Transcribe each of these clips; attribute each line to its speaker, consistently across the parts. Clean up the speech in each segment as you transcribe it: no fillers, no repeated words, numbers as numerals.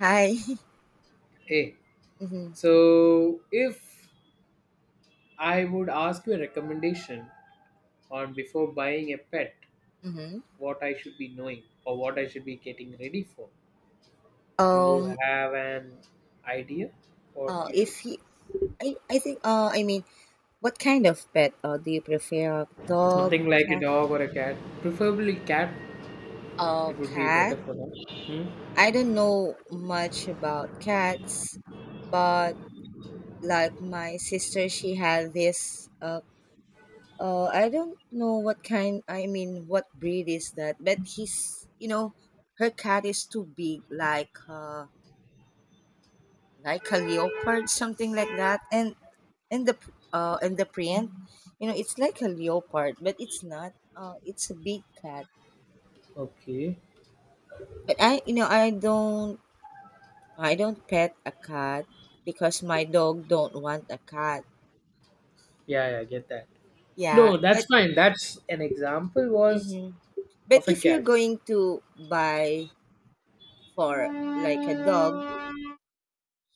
Speaker 1: Hi.
Speaker 2: Hey,
Speaker 1: hmm
Speaker 2: so if I would ask you a recommendation on before buying a pet,
Speaker 1: hmm
Speaker 2: what I should be knowing or what I should be getting ready for, do you
Speaker 1: Um.
Speaker 2: have an idea what you should?
Speaker 1: If you, I think. What kind of pet? Do you prefer dog,
Speaker 2: Something like a
Speaker 1: cat?
Speaker 2: dog or a cat, preferably cat. It would be better
Speaker 1: Cat.
Speaker 2: for them. Hmm?
Speaker 1: I don't know much about cats, but like my sister, she had this. I don't know what kind. I mean, what breed is that? But he's. You know, her cat is too big. Like a leopard, something like that, and the and the print, you know, it's like a leopard, but it's not, it's a big cat.
Speaker 2: Okay.
Speaker 1: But I you know I don't pet a cat because my dog don't want a cat.
Speaker 2: Yeah, yeah, I get that.
Speaker 1: Yeah,
Speaker 2: No, that's
Speaker 1: but
Speaker 2: fine. That's an example was
Speaker 1: hmm but
Speaker 2: of a
Speaker 1: if you're
Speaker 2: cat.
Speaker 1: going to buy for like a dog,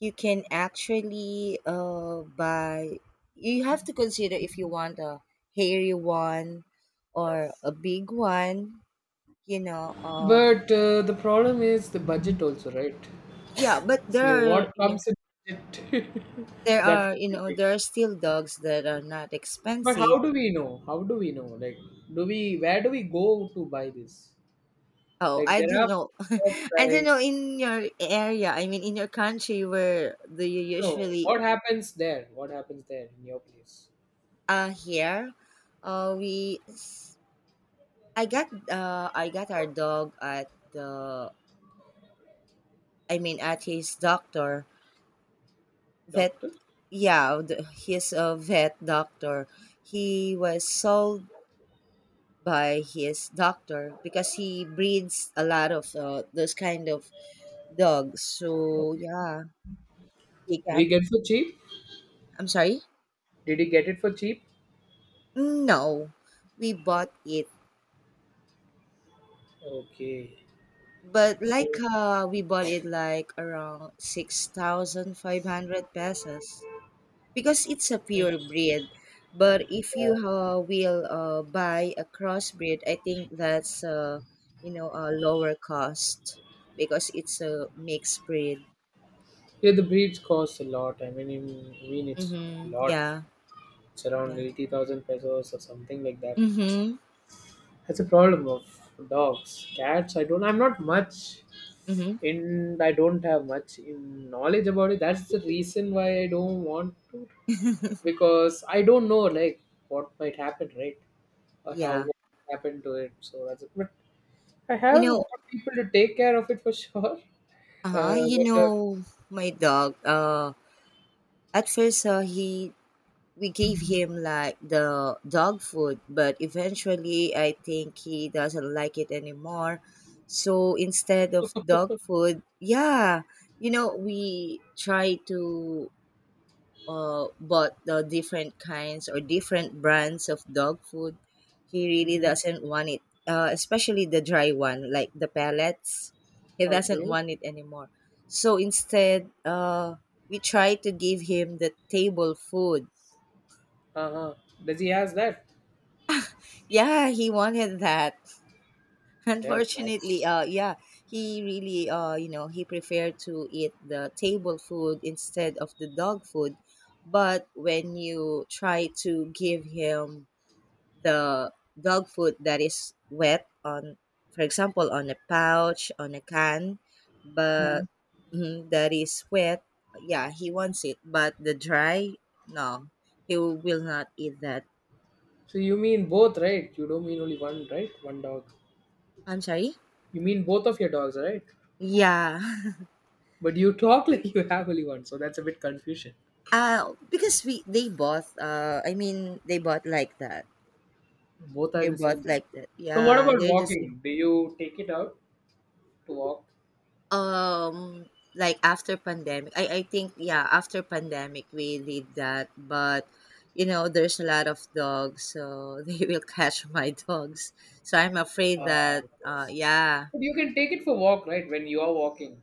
Speaker 1: you can actually buy, you have to consider if you want a hairy one or a big one, you know.
Speaker 2: But the problem is the budget also, right?
Speaker 1: Yeah, but there
Speaker 2: So
Speaker 1: are,
Speaker 2: what comes in it that should
Speaker 1: you
Speaker 2: be
Speaker 1: know, there
Speaker 2: taken.
Speaker 1: are still dogs that are not
Speaker 2: But how
Speaker 1: expensive.
Speaker 2: do we know? How do we know? Like, do we where do we go to buy this?
Speaker 1: Oh,
Speaker 2: Like,
Speaker 1: I
Speaker 2: there
Speaker 1: do
Speaker 2: are
Speaker 1: not know.
Speaker 2: shops
Speaker 1: I do not
Speaker 2: like
Speaker 1: know in your area. I mean, in your country, where do you
Speaker 2: no.
Speaker 1: usually?
Speaker 2: What happens there? What happens there in your place,
Speaker 1: Here, uh, we. s- I got our dog at the. I mean, at his doctor vet.
Speaker 2: doctor?
Speaker 1: Yeah, the, his vet doctor. He was sold by his doctor because he breeds a lot of those kind of dogs. So
Speaker 2: Okay.
Speaker 1: yeah, we
Speaker 2: Did
Speaker 1: got.
Speaker 2: he get for cheap?
Speaker 1: I'm sorry.
Speaker 2: Did he get it for cheap?
Speaker 1: No, we bought it,
Speaker 2: Okay.
Speaker 1: but like
Speaker 2: So
Speaker 1: we bought it like around 6,500 pesos because it's a pure breed. But if
Speaker 2: yeah,
Speaker 1: you will buy a crossbreed, I think that's you know, a lower cost because it's a mixed breed.
Speaker 2: yeah the breeds cost a lot. I mean it's a
Speaker 1: Mm-hmm.
Speaker 2: lot.
Speaker 1: Yeah,
Speaker 2: It's around
Speaker 1: yeah.
Speaker 2: 80,000 pesos or something like that.
Speaker 1: Mhm,
Speaker 2: That's a problem of dogs. Cats, I don't, I'm not much
Speaker 1: mhm.
Speaker 2: in, I don't have much in knowledge about it. That's the reason why I don't want to, because I don't know, like, what might happen, right? Or how
Speaker 1: Yeah.
Speaker 2: what happened to it. So that's it. But I
Speaker 1: You
Speaker 2: have got
Speaker 1: know,
Speaker 2: people to take care of it for sure.
Speaker 1: uh-huh, you
Speaker 2: Whether,
Speaker 1: know, my dog, at first, he we gave him like the dog food, but eventually I think he doesn't like it anymore. So instead of dog food, yeah, you know, we try to bought the different kinds or different brands of dog food. He really
Speaker 2: mhm.
Speaker 1: doesn't want it, especially the dry one, like the pellets. He doesn't
Speaker 2: Okay.
Speaker 1: want it anymore. So instead, we tried to give him the table food.
Speaker 2: Uh huh. Does he has that?
Speaker 1: Yeah, he wanted that.
Speaker 2: Damn,
Speaker 1: Unfortunately,
Speaker 2: that's.
Speaker 1: he really, you know, he preferred to eat the table food instead of the dog food. But when you try to give him the dog food that is wet on, for example, on a pouch, on a can, but mhm, that is wet, yeah, he wants it, but the dry, no, he will not eat that.
Speaker 2: So you mean both, right? You don't mean only one, right? One dog.
Speaker 1: I'm sorry.
Speaker 2: You mean both of your dogs, right?
Speaker 1: Yeah.
Speaker 2: But you talk like you have only one, so that's a bit confusion.
Speaker 1: Uh, because we they bought, they bought like that,
Speaker 2: Both are in
Speaker 1: they
Speaker 2: the same
Speaker 1: bought
Speaker 2: time.
Speaker 1: like that,
Speaker 2: So what
Speaker 1: yeah,
Speaker 2: about
Speaker 1: they're the same.
Speaker 2: walking? Do you take it out to walk?
Speaker 1: Um, like after pandemic, I think yeah, after pandemic we did that, but you know there's a lot of dogs, so they will catch my dogs. So I'm afraid
Speaker 2: Uh,
Speaker 1: that yeah.
Speaker 2: but you can take it for walk, right? When you are walking,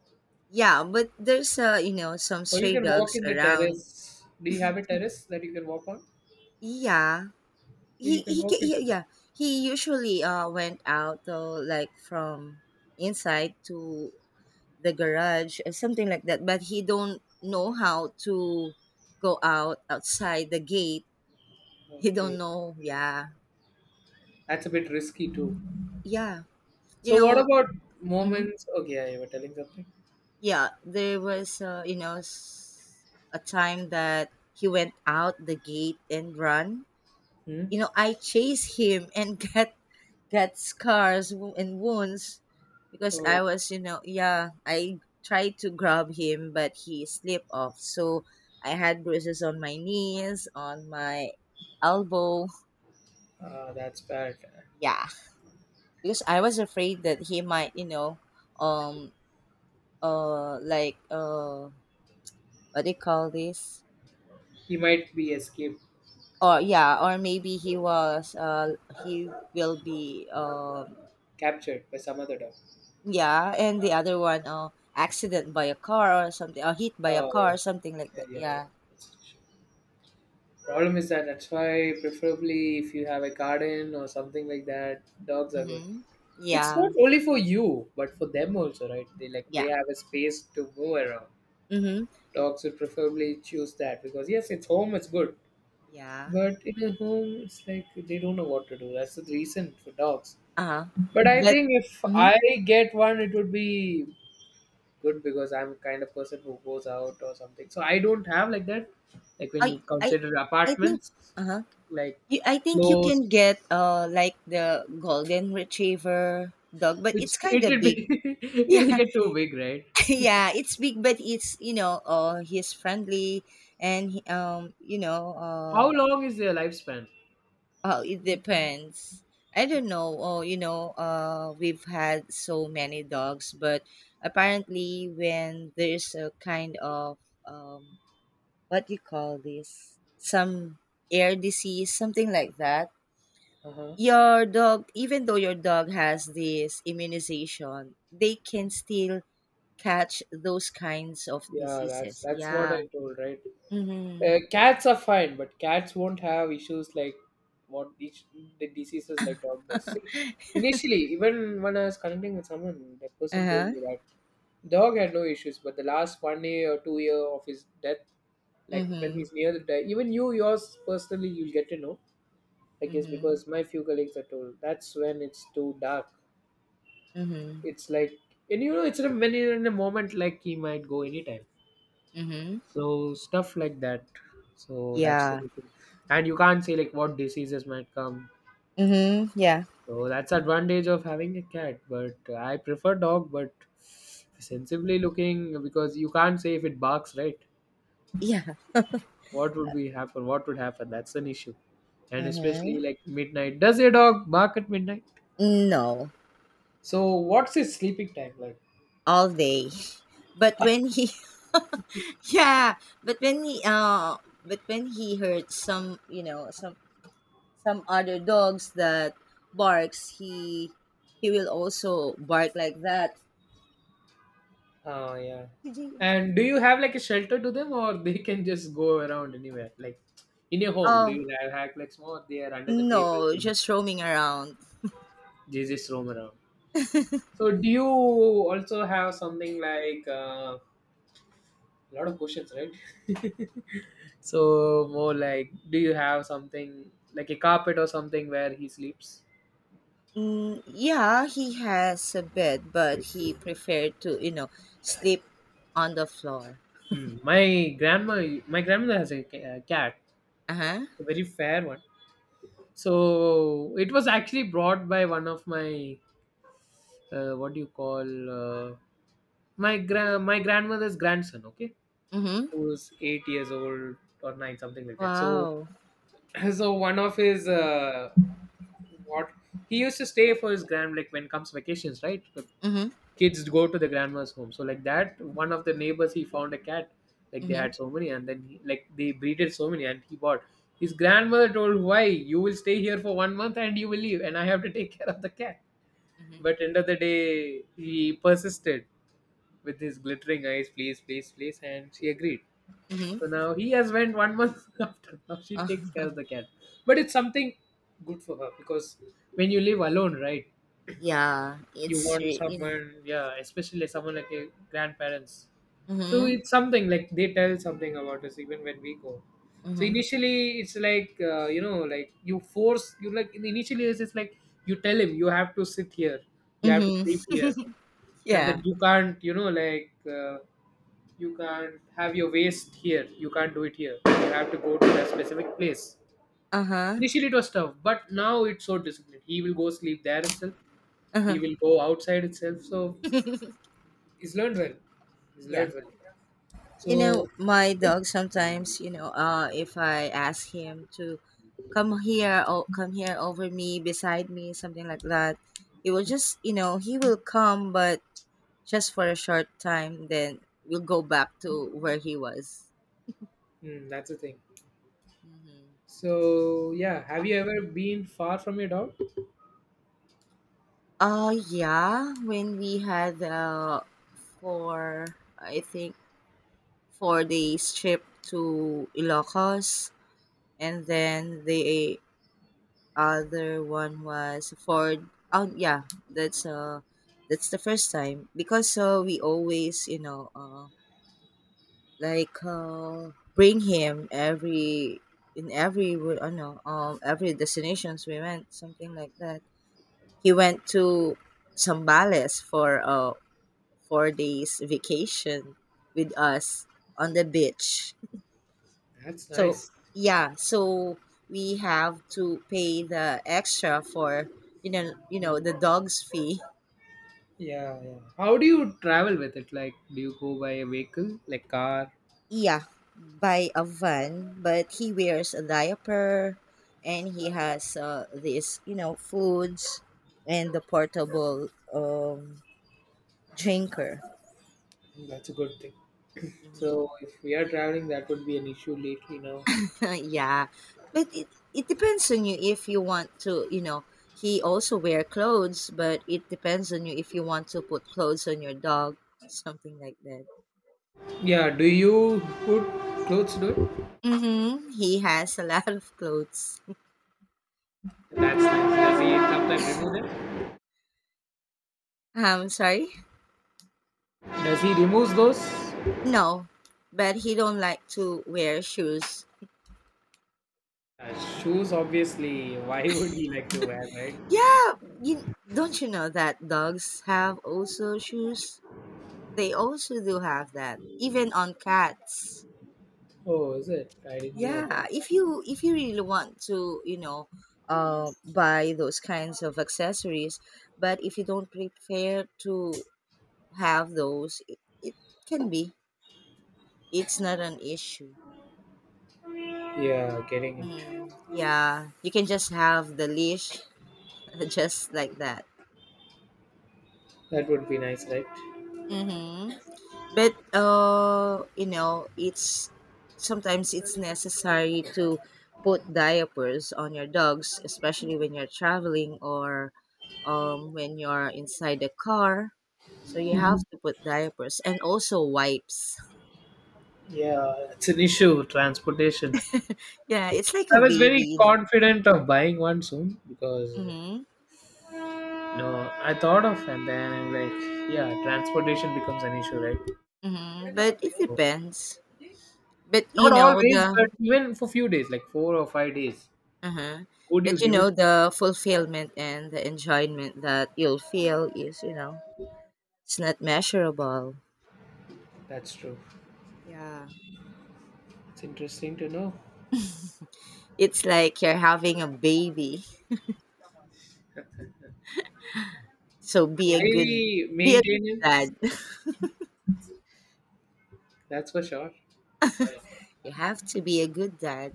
Speaker 1: Yeah, but there's you know some
Speaker 2: or you
Speaker 1: stray
Speaker 2: can walk
Speaker 1: dogs
Speaker 2: in the
Speaker 1: around.
Speaker 2: terrace. Do you have a terrace that you can walk on?
Speaker 1: Yeah,
Speaker 2: So
Speaker 1: he
Speaker 2: you can
Speaker 1: he,
Speaker 2: walk
Speaker 1: ca- he
Speaker 2: it with that.
Speaker 1: yeah, he usually went out though, like from inside to the garage or something like that, but he don't know how to go out outside the gate. He don't
Speaker 2: Okay,
Speaker 1: know, yeah.
Speaker 2: that's a bit risky too.
Speaker 1: Yeah, you
Speaker 2: So what
Speaker 1: know,
Speaker 2: about
Speaker 1: mhm.
Speaker 2: moments? Okay, yeah, you were telling something.
Speaker 1: Yeah, there was you know, a time that he went out the gate and run,
Speaker 2: Hmm?
Speaker 1: you know, I chased him and got, get scars, wo- and wounds, because I
Speaker 2: So
Speaker 1: was, you know, yeah, I tried to grab him, but he slipped off. So I had bruises on my knees, on my elbow.
Speaker 2: that's bad.
Speaker 1: Yeah, because I was afraid that he might, you know, um, uh, like, uh, what do you call this?
Speaker 2: He might be escaped,
Speaker 1: Or yeah, or maybe he was, he will be,
Speaker 2: captured by some other dog.
Speaker 1: yeah, and the other one, oh, accident by a car or something, or hit by a
Speaker 2: Oh
Speaker 1: car,
Speaker 2: yes,
Speaker 1: something like
Speaker 2: yeah,
Speaker 1: that.
Speaker 2: yeah. Yeah.
Speaker 1: Yeah.
Speaker 2: It's- Problem is that that's why preferably if you have a garden or something like that, dogs are good.
Speaker 1: Mm-hmm.
Speaker 2: It's
Speaker 1: Yeah.
Speaker 2: not only for you, but for them also, right? They like they
Speaker 1: Yeah.
Speaker 2: have a space to move around.
Speaker 1: Mm-hmm.
Speaker 2: Dogs would preferably choose that because yes, it's home, it's good.
Speaker 1: Yeah.
Speaker 2: But in a home, it's like they don't know what to do. That's the reason for dogs.
Speaker 1: Uh-huh.
Speaker 2: But I
Speaker 1: But
Speaker 2: think if
Speaker 1: mm-hmm.
Speaker 2: I get one, it would be good because I'm kind of person who goes out or something. So I don't have like that. Like when
Speaker 1: I
Speaker 2: you
Speaker 1: I
Speaker 2: consider
Speaker 1: I think
Speaker 2: apartments,
Speaker 1: uh-huh.
Speaker 2: like
Speaker 1: You, I think you
Speaker 2: floors,
Speaker 1: can get like the golden retriever dog, but
Speaker 2: which
Speaker 1: it's kind
Speaker 2: it
Speaker 1: of
Speaker 2: will
Speaker 1: big.
Speaker 2: be, it'll
Speaker 1: Yeah.
Speaker 2: get too big, right?
Speaker 1: Yeah, it's big, but it's, you know, he's friendly and you know,
Speaker 2: How
Speaker 1: uh.
Speaker 2: long is their lifespan?
Speaker 1: Oh, it depends. I don't know. Oh, you know, we've had so many dogs, but apparently, when there's a kind of um, what do you call this? Some air disease, something like that.
Speaker 2: Uh huh.
Speaker 1: Your dog, even though your dog has this immunization, they can still catch those kinds of
Speaker 2: Yeah, that's
Speaker 1: diseases.
Speaker 2: that's what
Speaker 1: Yeah.
Speaker 2: I told, right?
Speaker 1: Mm-hmm.
Speaker 2: Cats are fine, but cats won't have issues like what each the diseases like dog does. See, initially, even when I was connecting with someone, that
Speaker 1: Uh
Speaker 2: person told
Speaker 1: huh.
Speaker 2: me that dog had no issues, but the last 1 year or 2 year of his death, like when
Speaker 1: Mm-hmm.
Speaker 2: he's near the death, even you yours personally, you'll get to know. I guess
Speaker 1: Mm-hmm.
Speaker 2: because my few colleagues are told that's when it's too dark.
Speaker 1: Mm-hmm.
Speaker 2: It's like, and you know it's in a, when you're in a moment like he might go anytime,
Speaker 1: Mm-hmm.
Speaker 2: so stuff like that, so that's the
Speaker 1: Yeah.
Speaker 2: issue. And you can't say like what diseases might come,
Speaker 1: Mhm. Yeah.
Speaker 2: so that's advantage of having a cat, but I prefer dog, but sensibly looking, because you can't say if it barks, right,
Speaker 1: Yeah.
Speaker 2: what would be happen, what would happen, that's an issue. And especially
Speaker 1: Mm-hmm.
Speaker 2: like midnight, does a dog bark at midnight?
Speaker 1: No.
Speaker 2: So what's his sleeping time like?
Speaker 1: All day. But when he yeah, but when he heard some, you know, some other dogs that barks, he will also bark like that.
Speaker 2: Oh yeah. And do you have like a shelter to them, or they can just go around anywhere? Like in your home, do
Speaker 1: Oh,
Speaker 2: you have hack like more? They are under the table.
Speaker 1: no,
Speaker 2: They
Speaker 1: just roaming around.
Speaker 2: they just roam around. So do you also have something like a lot of questions, right? So more like, do you have something like a carpet or something where he sleeps?
Speaker 1: Mm, yeah, he has a bed, but he preferred to, you know, sleep on the floor.
Speaker 2: Hmm. My grandma, my grandmother has a cat,
Speaker 1: Uh-huh.
Speaker 2: a very fair one. So it was actually brought by one of my what do you call my my grandmother's grandson, okay,
Speaker 1: Mhm.
Speaker 2: who's 8 years old or nine something like that. So
Speaker 1: Wow.
Speaker 2: so one of his what he used to stay for his grand, like when comes vacations, right, the
Speaker 1: Mhm.
Speaker 2: kids go to the grandma's home. So like that, one of the neighbors, he found a cat, like they
Speaker 1: Mhm.
Speaker 2: had so many, and then he, like they breeded so many, and he bought, his grandmother told why you will stay here for 1 month and you will leave and I have to take care of the cat,
Speaker 1: Mhm.
Speaker 2: but end of the day he persisted with his glittering eyes, please, please, please, and she agreed.
Speaker 1: Mhm.
Speaker 2: So now he has went 1 month after. Now she takes care
Speaker 1: Uh-huh.
Speaker 2: of the cat, but it's something good for her because when you live alone, right,
Speaker 1: Yeah,
Speaker 2: you
Speaker 1: it's
Speaker 2: want
Speaker 1: you know,
Speaker 2: someone, yeah, especially someone like your grandparents. So
Speaker 1: mhm.
Speaker 2: it's something like they tell something about us even when we go. So
Speaker 1: Mhm.
Speaker 2: initially, it's like like you force you, like initially it's just like you tell him you have to sit here, you have to
Speaker 1: Mhm.
Speaker 2: sleep here, and then
Speaker 1: Yeah.
Speaker 2: you can't like. You can't have your waste here, you can't do it here, you have to go to that specific place.
Speaker 1: Uh-huh.
Speaker 2: Initially it was tough, but now it's so disciplined, he will go sleep there itself, he
Speaker 1: Uh-huh.
Speaker 2: will go outside itself, so he's learned well, he's
Speaker 1: Yeah.
Speaker 2: learned well.
Speaker 1: You know,
Speaker 2: So
Speaker 1: my dog sometimes, you know, if I ask him to come here, or come here over me, beside me, something like that, he will just, you know, he will come, but just for a short time, then we'll go back to where he was.
Speaker 2: that's the thing.
Speaker 1: Mhm.
Speaker 2: So yeah, have you ever been far from your dog?
Speaker 1: Yeah, when we had for I think 4 days trip to Ilocos, and then the other one was for, oh yeah, that's the first time, because we always, you know, like bring him every, in every I know every destinations we went, something like that. He went to Sambales for 4 days vacation with us on the beach.
Speaker 2: That's
Speaker 1: So
Speaker 2: nice.
Speaker 1: yeah, so we have to pay the extra for, you know, you know,
Speaker 2: Mm.
Speaker 1: the dog's fee.
Speaker 2: Yeah, yeah, how do you travel with it, like do you go by a vehicle, like car?
Speaker 1: Yeah, by a van, but he wears a diaper and he has this, you know, foods and the portable drinker.
Speaker 2: That's a good thing.
Speaker 1: Mhm.
Speaker 2: So if we are traveling, that would be an issue lately now.
Speaker 1: Yeah, but it depends on you if you want to. You know, he also wear clothes, but it depends on you if you want to put clothes on your dog, something like that.
Speaker 2: Yeah, do you put clothes dude?
Speaker 1: Mm-hmm. He has a lot of clothes.
Speaker 2: That's nice. Does he sometimes remove them?
Speaker 1: I'm sorry.
Speaker 2: Does he remove those?
Speaker 1: No, but he don't like to wear shoes.
Speaker 2: Uh, Shoes, obviously. Why would he like to wear, right?
Speaker 1: Yeah, you don't, you know that dogs have also shoes? They also do have that, even on cats.
Speaker 2: Oh, is it? I didn't knew about
Speaker 1: Yeah,
Speaker 2: that.
Speaker 1: if you really want to, you know, buy those kinds of accessories, but if you don't prepare to have those, it can be, it's not an issue.
Speaker 2: Yeah, getting it.
Speaker 1: Mm, yeah, you can just have the leash. Just like that.
Speaker 2: That would be nice, right?
Speaker 1: Hmm. But you know it's sometimes it's necessary to put diapers on your dogs, especially when you're traveling, or when you're inside the car, so you have to put diapers and also wipes.
Speaker 2: Yeah, it's an issue. Transportation.
Speaker 1: Yeah, it's like
Speaker 2: I
Speaker 1: a
Speaker 2: was
Speaker 1: baby,
Speaker 2: very
Speaker 1: you know.
Speaker 2: confident of buying one soon because
Speaker 1: Mm-hmm,
Speaker 2: no, I thought of and then I'm like, yeah, transportation becomes an issue, right?
Speaker 1: mm-hmm. But it
Speaker 2: So
Speaker 1: depends. But you
Speaker 2: not
Speaker 1: know
Speaker 2: always,
Speaker 1: the
Speaker 2: but even for few days, like 4 or 5 days,
Speaker 1: uh-huh.
Speaker 2: would you
Speaker 1: But you
Speaker 2: give it?
Speaker 1: know the fulfillment and the enjoyment that you'll feel is, you know, it's not measurable.
Speaker 2: That's true.
Speaker 1: Yeah.
Speaker 2: It's interesting to know.
Speaker 1: It's like you're having a baby. So be a good,
Speaker 2: Highly
Speaker 1: be a good
Speaker 2: maintenance,
Speaker 1: dad.
Speaker 2: that's for sure.
Speaker 1: You have to be a good dad.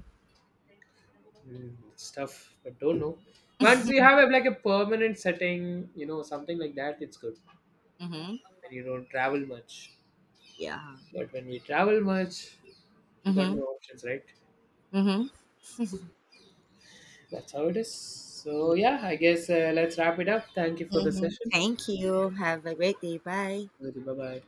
Speaker 2: Mm, it's tough, but don't know. Once you have like a permanent setting, something like that, it's good.
Speaker 1: Mhm.
Speaker 2: When you don't travel much.
Speaker 1: Yeah.
Speaker 2: But when we travel much, you got no
Speaker 1: Mhm.
Speaker 2: options, right?
Speaker 1: Mhm.
Speaker 2: That's how it is.
Speaker 1: Yeah.
Speaker 2: So yeah, I guess let's wrap it up. Thank you for the
Speaker 1: Hmm.
Speaker 2: session.
Speaker 1: Thank you. Have a great day. Bye.
Speaker 2: Bye bye.